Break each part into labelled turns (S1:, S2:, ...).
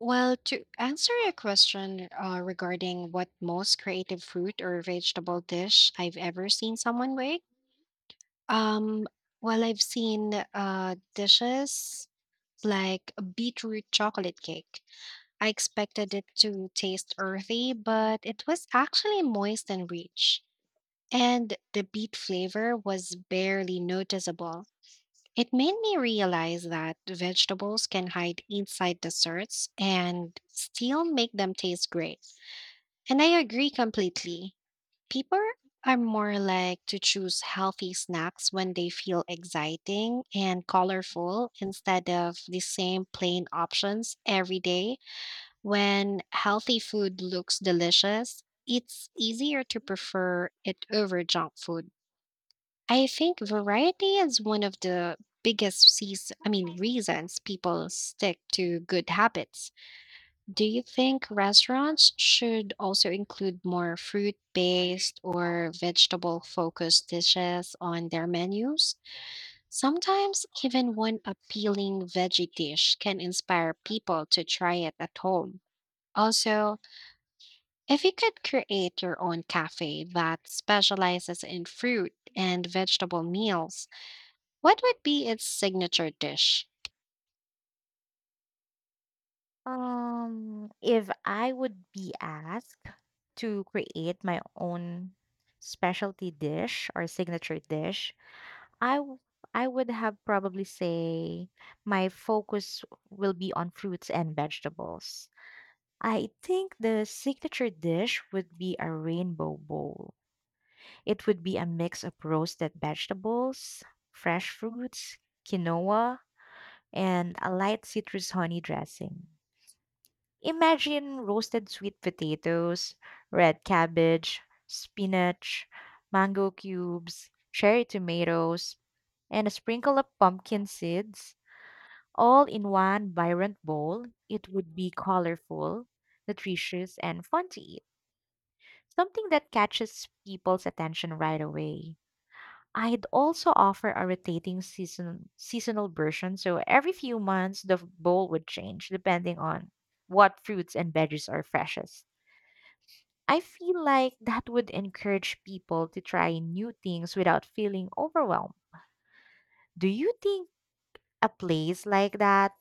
S1: Well, to answer your question regarding what most creative fruit or vegetable dish I've ever seen someone make, um, well, I've seen dishes like a beetroot chocolate cake. I expected it to taste earthy, but it was actually moist and rich, and the beet flavor was barely noticeable. It made me realize that vegetables can hide inside desserts and still make them taste great. And I agree completely. People are more like to choose healthy snacks when they feel exciting and colorful instead of the same plain options every day. When healthy food looks delicious, it's easier to prefer it over junk food. I think variety is one of the biggest seas I mean reasons people stick to good habits. Do you think restaurants should also include more fruit-based or vegetable-focused dishes on their menus? Sometimes even one appealing veggie dish can inspire people to try it at home. Also, if you could create your own cafe that specializes in fruit and vegetable meals, what would be its signature dish?
S2: If I would be asked to create my own specialty dish or signature dish, I w- I would have probably say my focus will be on fruits and vegetables. I think the signature dish would be a rainbow bowl. It would be a mix of roasted vegetables, fresh fruits, quinoa, and a light citrus honey dressing. Imagine roasted sweet potatoes, red cabbage, spinach, mango cubes, cherry tomatoes, and a sprinkle of pumpkin seeds all in one vibrant bowl. It would be colorful, nutritious, and fun to eat. Something that catches people's attention right away. I'd also offer a rotating season seasonal version, so every few months the bowl would change depending on what fruits and veggies are freshest. I feel like that would encourage people to try new things without feeling overwhelmed. Do you think a place like that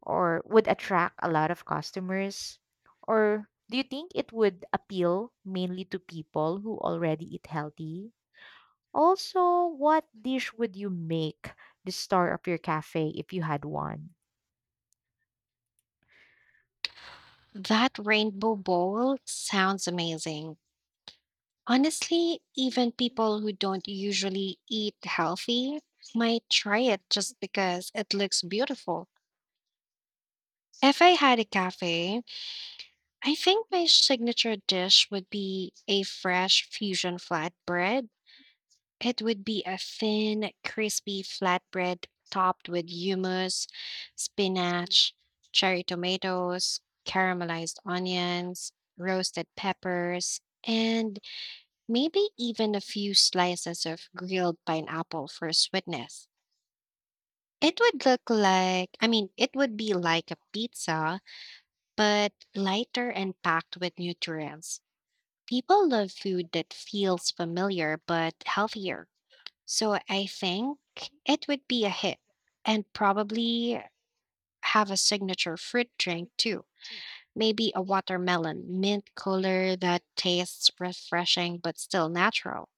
S2: or would attract a lot of customers, or do you think it would appeal mainly to people who already eat healthy? Also, what dish would you make the star of your cafe if you had one?
S1: That rainbow bowl sounds amazing. Honestly, even people who don't usually eat healthy might try it just because it looks beautiful. If I had a cafe, I think my signature dish would be a fresh fusion flatbread. It would be a thin, crispy flatbread topped with hummus, spinach, cherry tomatoes, caramelized onions, roasted peppers, and maybe even a few slices of grilled pineapple for sweetness. It would look like, I mean, it would be like a pizza, but lighter and packed with nutrients. People love food that feels familiar but healthier. So I think it would be a hit and probably have a signature fruit drink too. Maybe a watermelon mint cooler that tastes refreshing but still natural.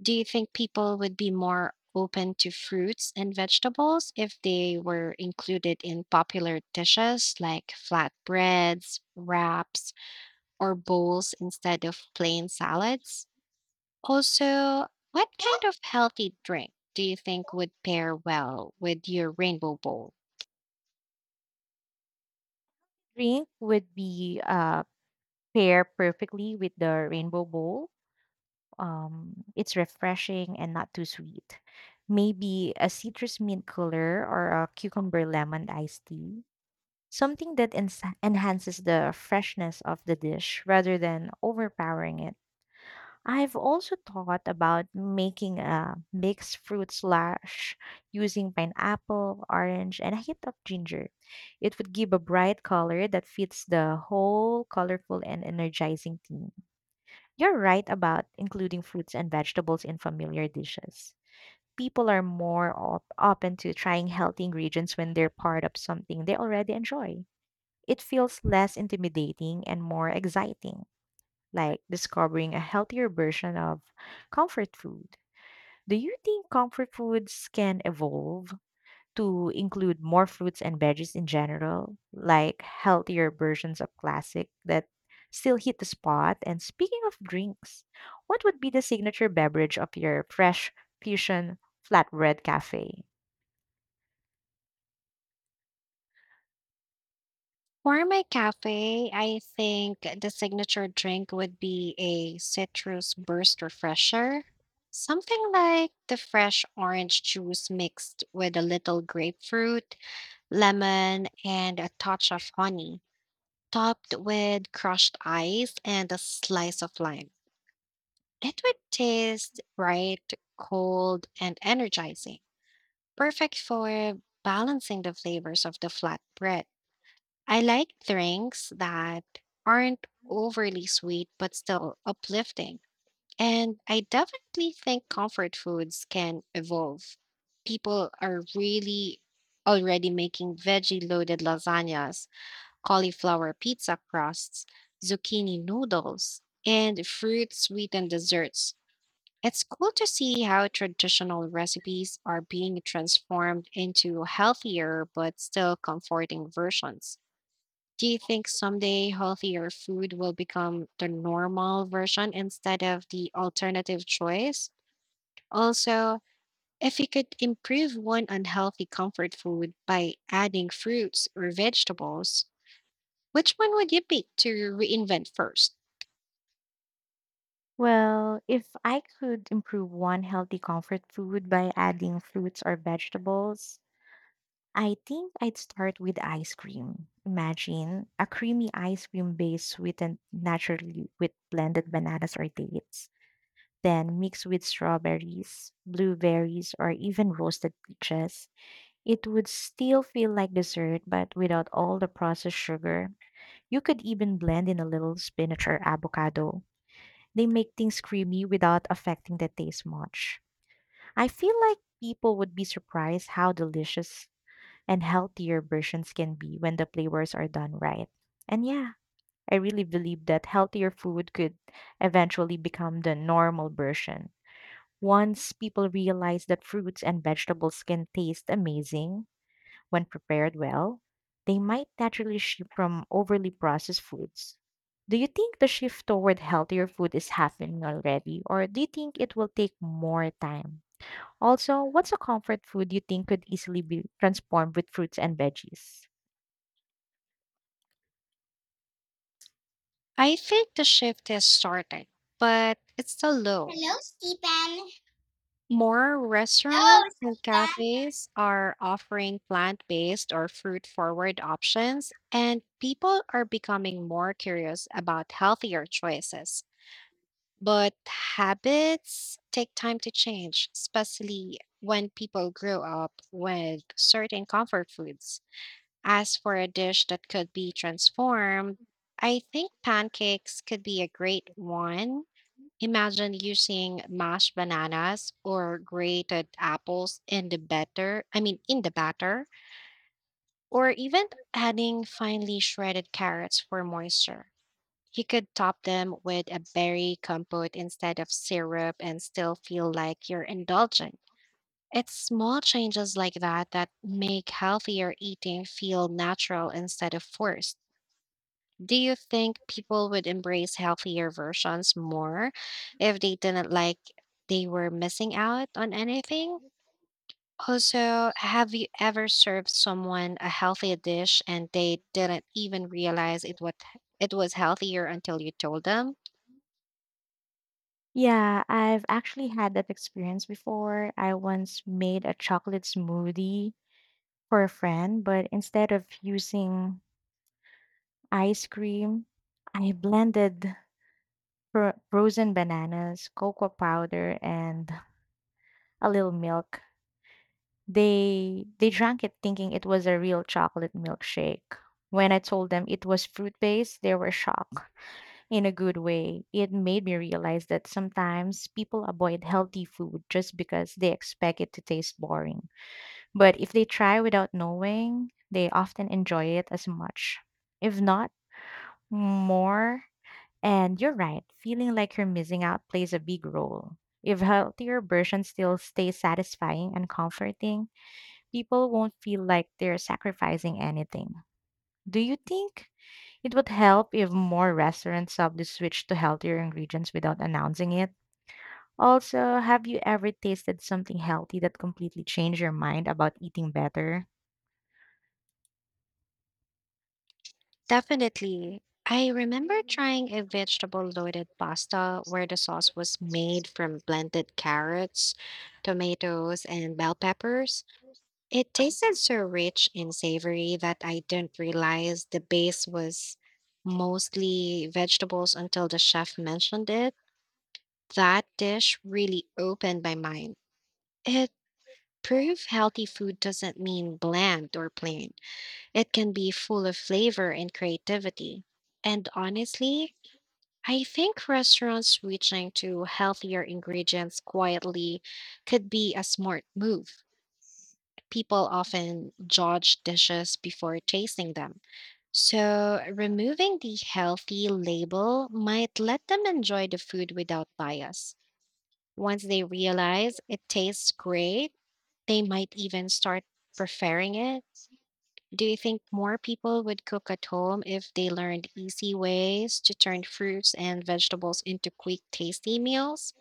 S1: Do you think people would be more open to fruits and vegetables if they were included in popular dishes like flatbreads, wraps, or bowls instead of plain salads? Also, what kind of healthy drink do you think would pair well with your rainbow bowl?
S2: Drink would be pair perfectly with the rainbow bowl, it's refreshing and not too sweet. Maybe a citrus mint cooler or a cucumber lemon iced tea. Something that enhances the freshness of the dish rather than overpowering it. I've also thought about making a mixed fruit slash using pineapple, orange, and a hit of ginger. It would give a bright color that fits the whole colorful and energizing theme. You're right about including fruits and vegetables in familiar dishes. People are more open to trying healthy ingredients when they're part of something they already enjoy. It feels less intimidating and more exciting, like discovering a healthier version of comfort food. Do you think comfort foods can evolve to include more fruits and veggies in general, like healthier versions of classic that still hit the spot? And speaking of drinks, what would be the signature beverage of your fresh fusion flatbread cafe?
S1: For my cafe, I think the signature drink would be a citrus burst refresher. Something like the fresh orange juice mixed with a little grapefruit, lemon, and a touch of honey, topped with crushed ice and a slice of lime. It would taste bright, cold, and energizing. Perfect for balancing the flavors of the flatbread. I like drinks that aren't overly sweet but still uplifting. And I definitely think comfort foods can evolve. People are really already making veggie loaded lasagnas, cauliflower pizza crusts, zucchini noodles, and fruit sweetened desserts. It's cool to see how traditional recipes are being transformed into healthier but still comforting versions. Do you think someday healthier food will become the normal version instead of the alternative choice? Also, if you could improve one unhealthy comfort food by adding fruits or vegetables, which one would you pick to reinvent first?
S2: Well, if I could improve one healthy comfort food by adding fruits or vegetables, I think I'd start with ice cream. Imagine a creamy ice cream base sweetened naturally with blended bananas or dates. Then mixed with strawberries, blueberries, or even roasted peaches, it would still feel like dessert but without all the processed sugar. You could even blend in a little spinach or avocado. They make things creamy without affecting the taste much. I feel like people would be surprised how delicious and healthier versions can be when the flavors are done right. And yeah, I really believe that healthier food could eventually become the normal version. Once people realize that fruits and vegetables can taste amazing when prepared well, they might naturally shift from overly processed foods. Do you think the shift toward healthier food is happening already, or do you think it will take more time? Also, what's a comfort food you think could easily be transformed with fruits and veggies?
S1: I think the shift is starting, but it's still low.
S2: Hello, Stephen.
S1: More
S2: Hello,
S1: restaurants and
S2: Stephen.
S1: cafes are offering plant based or fruit forward options, and people are becoming more curious about healthier choices. But habits take time to change, especially when people grow up with certain comfort foods. As for a dish that could be transformed, I think pancakes could be a great one. Imagine using mashed bananas or grated apples in the batter, or even adding finely shredded carrots for moisture. You could top them with a berry compote instead of syrup and still feel like you're indulging. It's small changes like that that make healthier eating feel natural instead of forced. Do you think people would embrace healthier versions more if they didn't like they were missing out on anything? Also, have you ever served someone a healthy dish and they didn't even realize it was healthier until you told them?
S2: Yeah, I've actually had that experience before. I once made a chocolate smoothie for a friend, but instead of using ice cream, I blended frozen bananas, cocoa powder, and a little milk. They drank it thinking it was a real chocolate milkshake. When I told them it was fruit based, they were shocked in a good way. It made me realize that sometimes people avoid healthy food just because they expect it to taste boring. But if they try without knowing, they often enjoy it as much. If not, more. And you're right, feeling like you're missing out plays a big role. If healthier versions still stay satisfying and comforting, people won't feel like they're sacrificing anything. Do you think it would help if more restaurants suddenly switched to healthier ingredients without announcing it? Also, have you ever tasted something healthy that completely changed your mind about eating better?
S1: Definitely. I remember trying a vegetable loaded pasta where the sauce was made from blended carrots, tomatoes, and bell peppers. It tasted so rich and savory that I didn't realize the base was mostly vegetables until the chef mentioned it. That dish really opened my mind. It proved healthy food doesn't mean bland or plain, it can be full of flavor and creativity. And honestly, I think restaurants switching to healthier ingredients quietly could be a smart move. People often judge dishes before tasting them. So, removing the healthy label might let them enjoy the food without bias. Once they realize it tastes great, they might even start preferring it. Do you think more people would cook at home if they learned easy ways to turn fruits and vegetables into quick, tasty meals?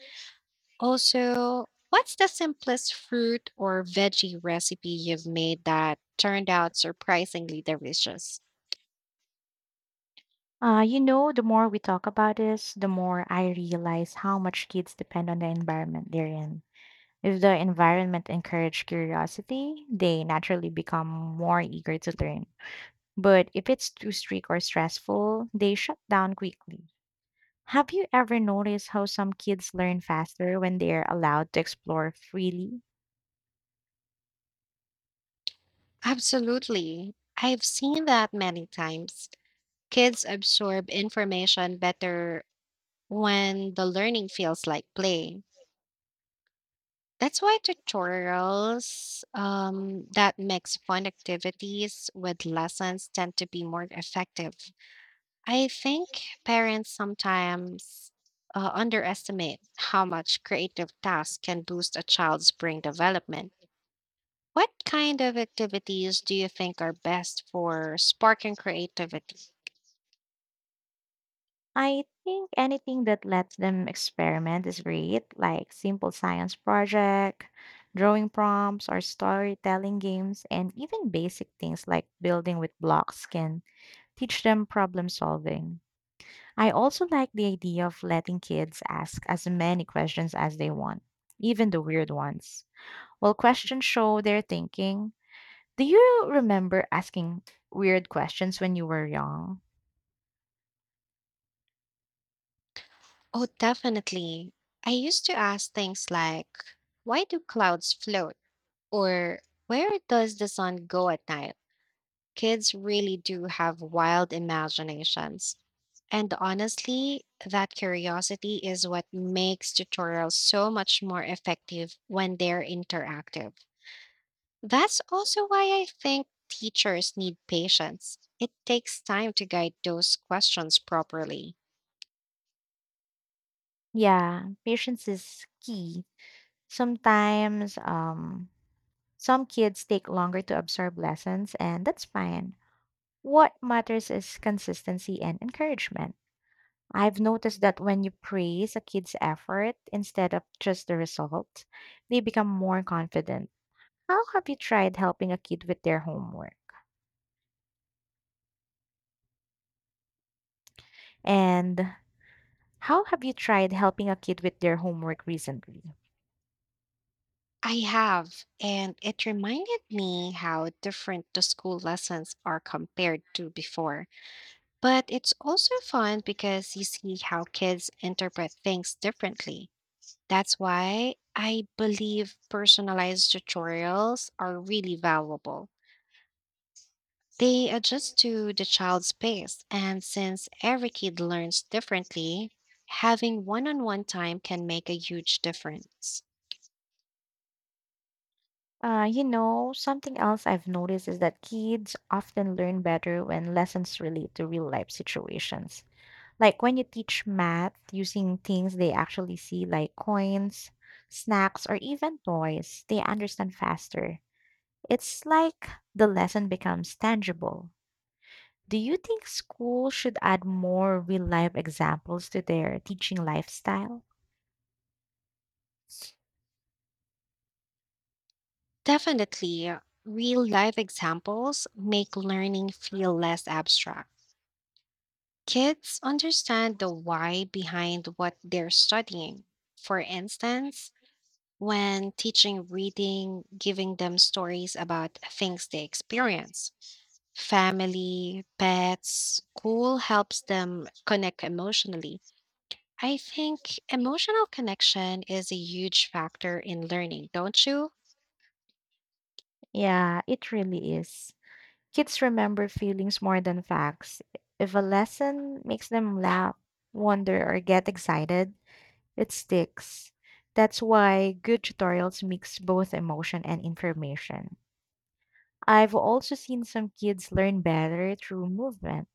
S1: Also, what's the simplest fruit or veggie recipe you've made that turned out surprisingly delicious?
S2: The more we talk about this, the more I realize how much kids depend on the environment they're in. If the environment encourage curiosity, they naturally become more eager to learn. But if it's too strict or stressful, they shut down quickly. Have you ever noticed how some kids learn faster when they're allowed to explore freely?
S1: Absolutely. I've seen that many times. Kids absorb information better when the learning feels like play. That's why tutorials that mix fun activities with lessons tend to be more effective. I think parents sometimes underestimate how much creative tasks can boost a child's brain development. What kind of activities do you think are best for sparking creativity?
S2: I think anything that lets them experiment is great, like simple science project, drawing prompts or storytelling games, and even basic things like building with blocks can teach them problem solving. I also like the idea of letting kids ask as many questions as they want, even the weird ones. While questions show their thinking, do you remember asking weird questions when you were young?
S1: Oh, definitely. I used to ask things like, why do clouds float? Or where does the sun go at night? Kids really do have wild imaginations. And honestly, that curiosity is what makes tutorials so much more effective when they're interactive. That's also why I think teachers need patience. It takes time to guide those questions properly.
S2: Yeah, patience is key. Sometimes some kids take longer to absorb lessons, and that's fine. What matters is consistency and encouragement. I've noticed that when you praise a kid's effort instead of just the result, they become more confident. How have you tried helping a kid with their homework? And how have you tried helping a kid with their homework recently?
S1: I have, and it reminded me how different the school lessons are compared to before. But it's also fun because you see how kids interpret things differently. That's why I believe personalized tutorials are really valuable. They adjust to the child's pace, and since every kid learns differently, having one on one time can make a huge difference.
S2: Something else I've noticed is that kids often learn better when lessons relate to real life situations. Like when you teach math using things they actually see, like coins, snacks, or even toys, they understand faster. It's like the lesson becomes tangible. Do you think schools should add more real life examples to their teaching lifestyle?
S1: Definitely, real life examples make learning feel less abstract. Kids understand the why behind what they're studying. For instance, when teaching reading, giving them stories about things they experience. Family, pets, school helps them connect emotionally. I think emotional connection is a huge factor in learning, don't you?
S2: Yeah, it really is. Kids remember feelings more than facts. If a lesson makes them laugh, wonder, or get excited, it sticks. That's why good tutorials mix both emotion and information. I've also seen some kids learn better through movement.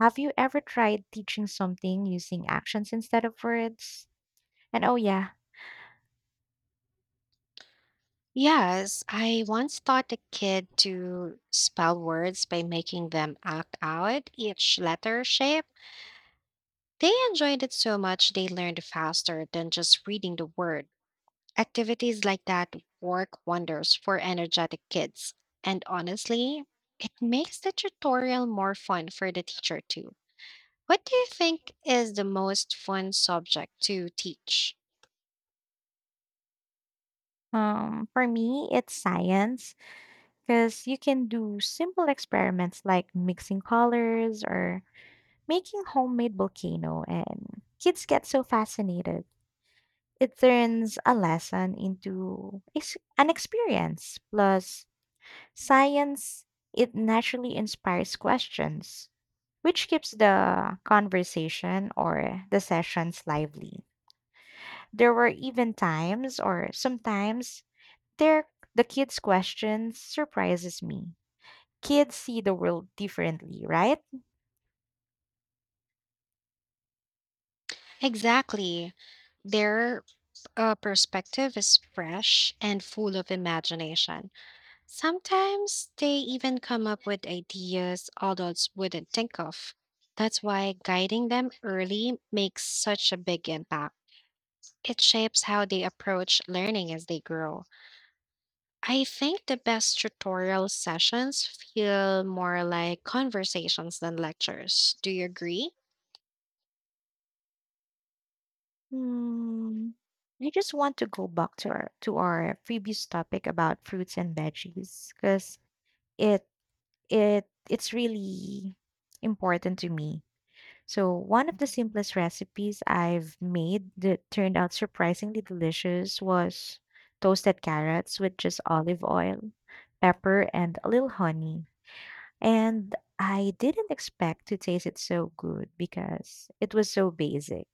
S2: Have you ever tried teaching something using actions instead of words? And oh yeah,
S1: Yes, I once taught a kid to spell words by making them act out each letter shape. They enjoyed it so much they learned faster than just reading the word. Activities like that work wonders for energetic kids. And honestly, it makes the tutorial more fun for the teacher too. What do you think is the most fun subject to teach?
S2: for me it's science because you can do simple experiments like mixing colors or making homemade volcano and kids get so fascinated. It turns a lesson into an experience. Plus science it naturally inspires questions, which keeps the conversation or the sessions lively. There were even times or sometimes there the kids' questions surprises me. Kids see the world differently, right?
S1: Exactly. Their perspective is fresh and full of imagination. Sometimes they even come up with ideas adults wouldn't think of. That's why guiding them early makes such a big impact. It shapes how they approach learning as they grow. I think the best tutorial sessions feel more like conversations than lectures. Do you agree?
S2: Hmm. I just want to go back to our previous topic about fruits and veggies because it it's really important to me. So, one of the simplest recipes I've made that turned out surprisingly delicious was toasted carrots with just olive oil, pepper, and a little honey. And I didn't expect to taste it so good because it was so basic.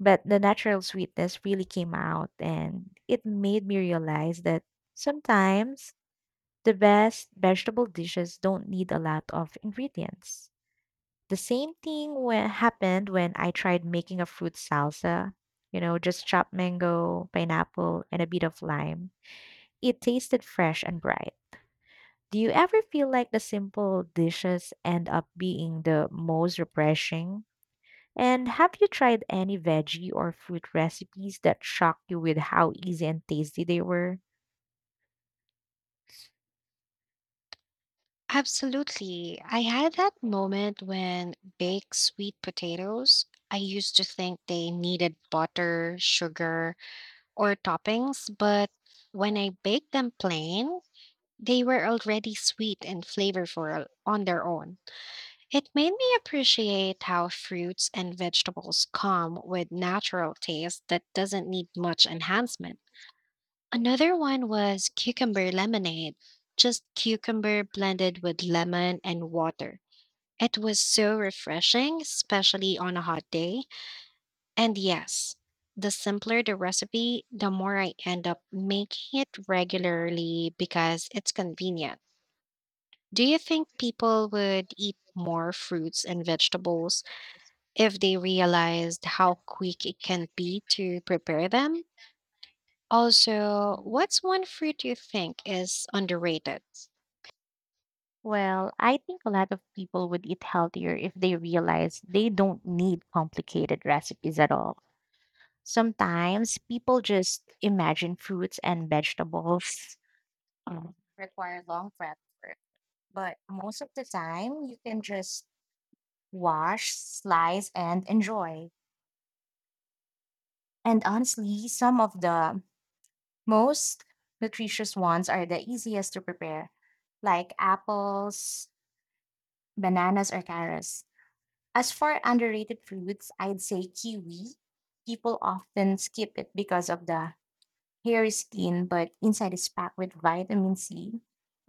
S2: But the natural sweetness really came out, and it made me realize that sometimes the best vegetable dishes don't need a lot of ingredients. The same thing when, happened when I tried making a fruit salsa. You know, just chopped mango, pineapple, and a bit of lime. It tasted fresh and bright. Do you ever feel like the simple dishes end up being the most refreshing? And have you tried any veggie or fruit recipes that shocked you with how easy and tasty they were?
S1: Absolutely. I had that moment when baked sweet potatoes. I used to think they needed butter, sugar, or toppings, but when I baked them plain, they were already sweet and flavorful on their own. It made me appreciate how fruits and vegetables come with natural taste that doesn't need much enhancement. Another one was cucumber lemonade, just cucumber blended with lemon and water. It was so refreshing, especially on a hot day. And yes, the simpler the recipe, the more I end up making it regularly because it's convenient. Do you think people would eat more fruits and vegetables if they realized how quick it can be to prepare them? Also, what's one fruit you think is underrated?
S2: Well, I think a lot of people would eat healthier if they realize they don't need complicated recipes at all. Sometimes people just imagine fruits and vegetables require long prep work, but most of the time you can just wash, slice, and enjoy. And honestly, some of the most nutritious ones are the easiest to prepare, like apples, bananas, or carrots. As for underrated fruits, I'd say kiwi. People often skip it because of the hair is thin, but inside is packed with vitamin C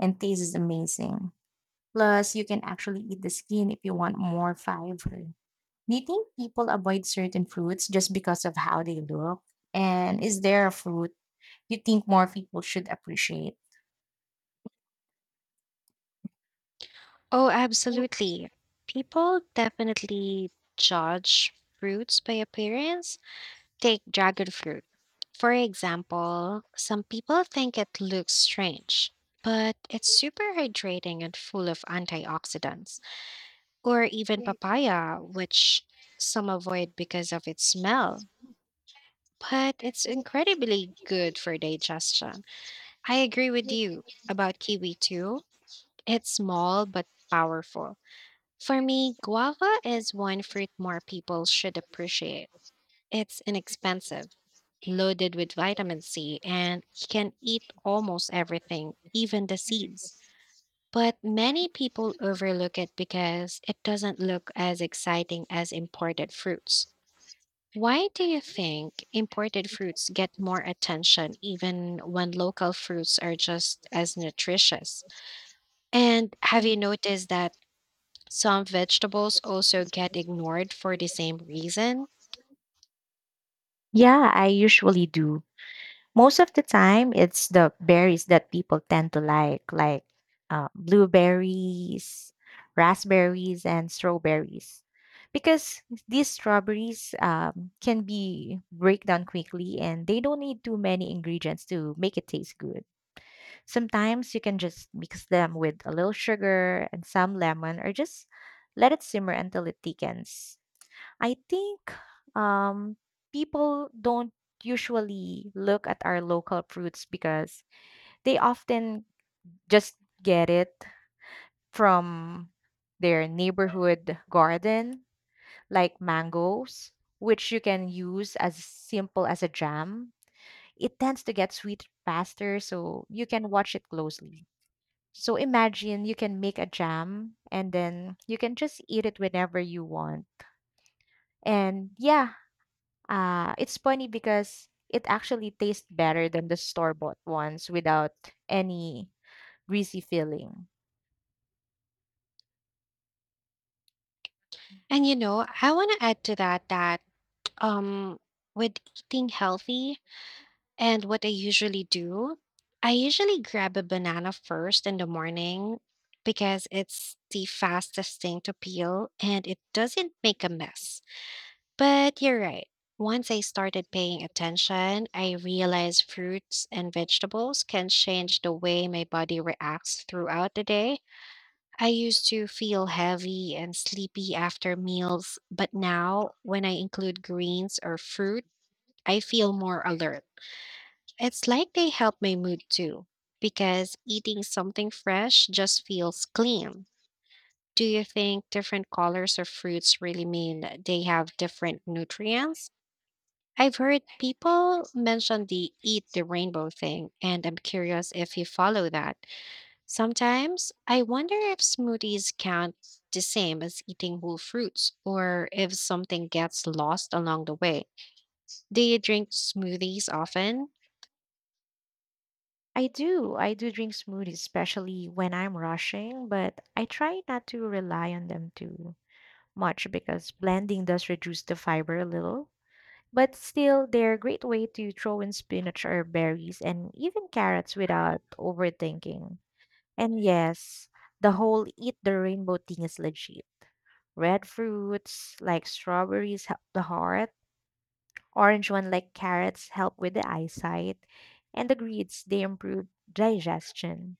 S2: and taste is amazing. Plus, you can actually eat the skin if you want more fiber. Do you think people avoid certain fruits just because of how they look? And is there a fruit you think more people should appreciate?
S1: Oh, absolutely. People definitely judge fruits by appearance. Take dragon fruit. For example, some people think it looks strange, but it's super hydrating and full of antioxidants. Or even papaya, which some avoid because of its smell, but it's incredibly good for digestion. I agree with you about kiwi too. It's small but powerful. For me, guava is one fruit more people should appreciate. It's inexpensive, loaded with vitamin C, and you can eat almost everything, even the seeds. But many people overlook it because it doesn't look as exciting as imported fruits. Why do you think imported fruits get more attention even when local fruits are just as nutritious? And have you noticed that some vegetables also get ignored for the same reason?
S2: Yeah, I usually do. Most of the time, it's the berries that people tend to like blueberries, raspberries, and strawberries. Because these strawberries can be break down quickly and they don't need too many ingredients to make it taste good. Sometimes you can just mix them with a little sugar and some lemon or just let it simmer until it thickens. I think um, people don't usually look at our local fruits because they often just get it from their neighborhood garden, like mangoes, which you can use as simple as a jam. It tends to get sweet faster, so you can watch it closely. So imagine you can make a jam and then you can just eat it whenever you want. And yeah, it's funny because it actually tastes better than the store-bought ones without any greasy feeling.
S1: And you know, I want to add to that um with eating healthy and what I usually do, I usually grab a banana first in the morning because it's the fastest thing to peel and it doesn't make a mess. But you're right. Once I started paying attention, I realized fruits and vegetables can change the way my body reacts throughout the day. I used to feel heavy and sleepy after meals, but now when I include greens or fruit, I feel more alert. It's like they help my mood too, because eating something fresh just feels clean. Do you think different colors of fruits really mean they have different nutrients? I've heard people mention the eat the rainbow thing, and I'm curious if you follow that. Sometimes I wonder if smoothies count the same as eating whole fruits or if something gets lost along the way. Do you drink smoothies often?
S2: I do drink smoothies, especially when I'm rushing, but I try not to rely on them too much because blending does reduce the fiber a little. But still, they're a great way to throw in spinach or berries and even carrots without overthinking. And yes, the whole eat the rainbow thing is legit. Red fruits like strawberries help the heart, orange one like carrots help with the eyesight, and the greens they improve digestion.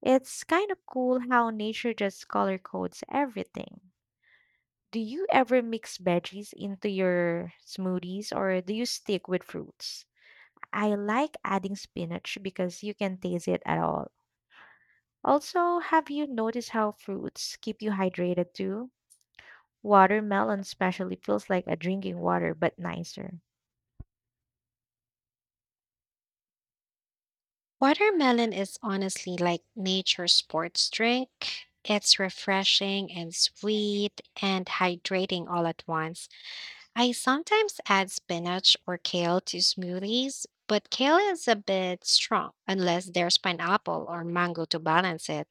S2: It's kind of cool how nature just color codes everything. Do you ever mix veggies into your smoothies or do you stick with fruits? I like adding spinach because you can taste it at all. Also, have you noticed how fruits keep you hydrated too? Watermelon especially feels like a drinking water, but nicer.
S1: Watermelon is honestly like nature's sports drink. It's refreshing and sweet and hydrating all at once. I sometimes add spinach or kale to smoothies, but kale is a bit strong unless there's pineapple or mango to balance it.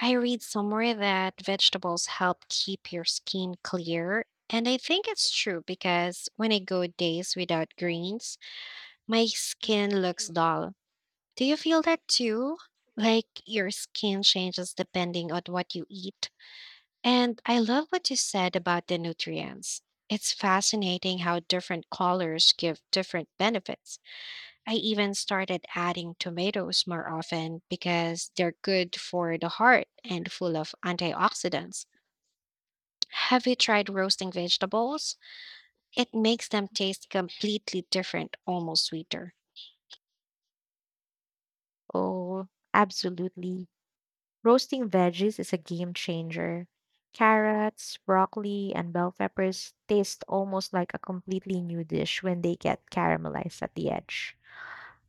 S1: I read somewhere that vegetables help keep your skin clear, and I think it's true because when I go days without greens, my skin looks dull. Do you feel that too? Like your skin changes depending on what you eat? And I love what you said about the nutrients. It's fascinating how different colors give different benefits. I even started adding tomatoes more often because they're good for the heart and full of antioxidants. Have you tried roasting vegetables? It makes them taste completely different, almost sweeter.
S2: Oh, absolutely. Roasting veggies is a game changer. Carrots, broccoli, and bell peppers taste almost like a completely new dish when they get caramelized at the edge.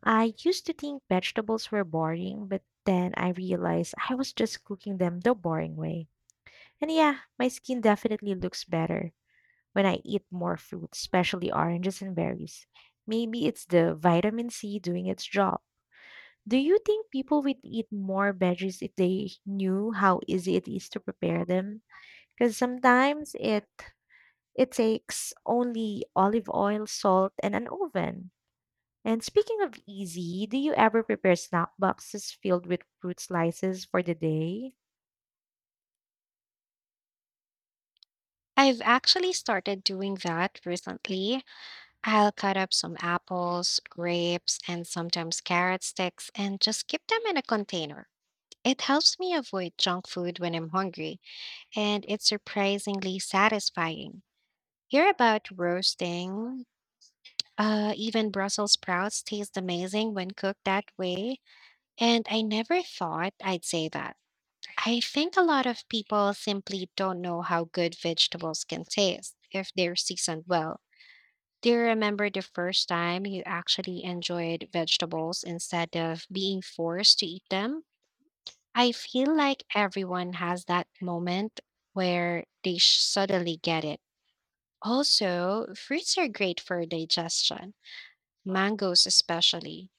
S2: I used to think vegetables were boring, but then I realized I was just cooking them the boring way. And yeah, my skin definitely looks better when I eat more fruit, especially oranges and berries. Maybe it's the vitamin C doing its job. Do you think people would eat more veggies if they knew how easy it is to prepare them? Because sometimes it takes only olive oil, salt, and an oven. And speaking of easy, do you ever prepare snack boxes filled with fruit slices for the day?
S1: I've actually started doing that recently. I'll cut up some apples, grapes, and sometimes carrot sticks and just keep them in a container. It helps me avoid junk food when I'm hungry, and it's surprisingly satisfying. Hear about roasting. Even Brussels sprouts taste amazing when cooked that way, and I never thought I'd say that. I think a lot of people simply don't know how good vegetables can taste if they're seasoned well. Do you remember the first time you actually enjoyed vegetables instead of being forced to eat them? I feel like everyone has that moment where they suddenly get it. Also, fruits are great for digestion, mangoes especially.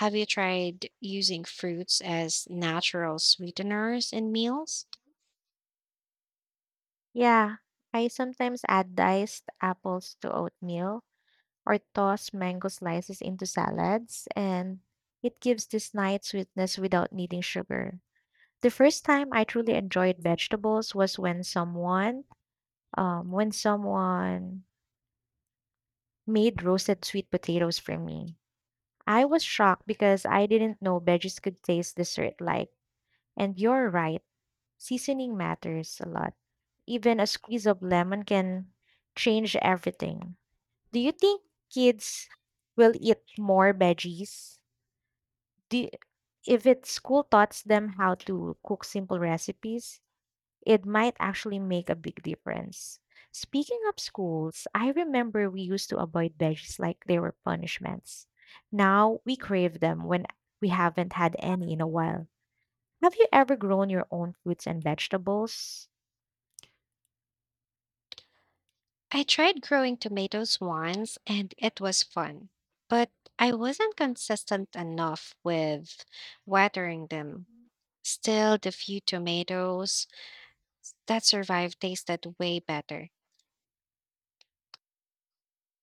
S1: Have you tried using fruits as natural sweeteners in meals?
S2: Yeah, I sometimes add diced apples to oatmeal or toss mango slices into salads, and it gives this nice sweetness without needing sugar. The first time I truly enjoyed vegetables was when someone made roasted sweet potatoes for me. I was shocked because I didn't know veggies could taste dessert like. And you're right, seasoning matters a lot. Even a squeeze of lemon can change everything. Do you think kids will eat more veggies? Do you- if it school taught them how to cook simple recipes, it might actually make a big difference. Speaking of schools, I remember we used to avoid veggies like they were punishments. Now we crave them when we haven't had any in a while. Have you ever grown your own fruits and vegetables?
S1: I tried growing tomatoes once and it was fun, but I wasn't consistent enough with watering them. Still, the few tomatoes that survived tasted way better.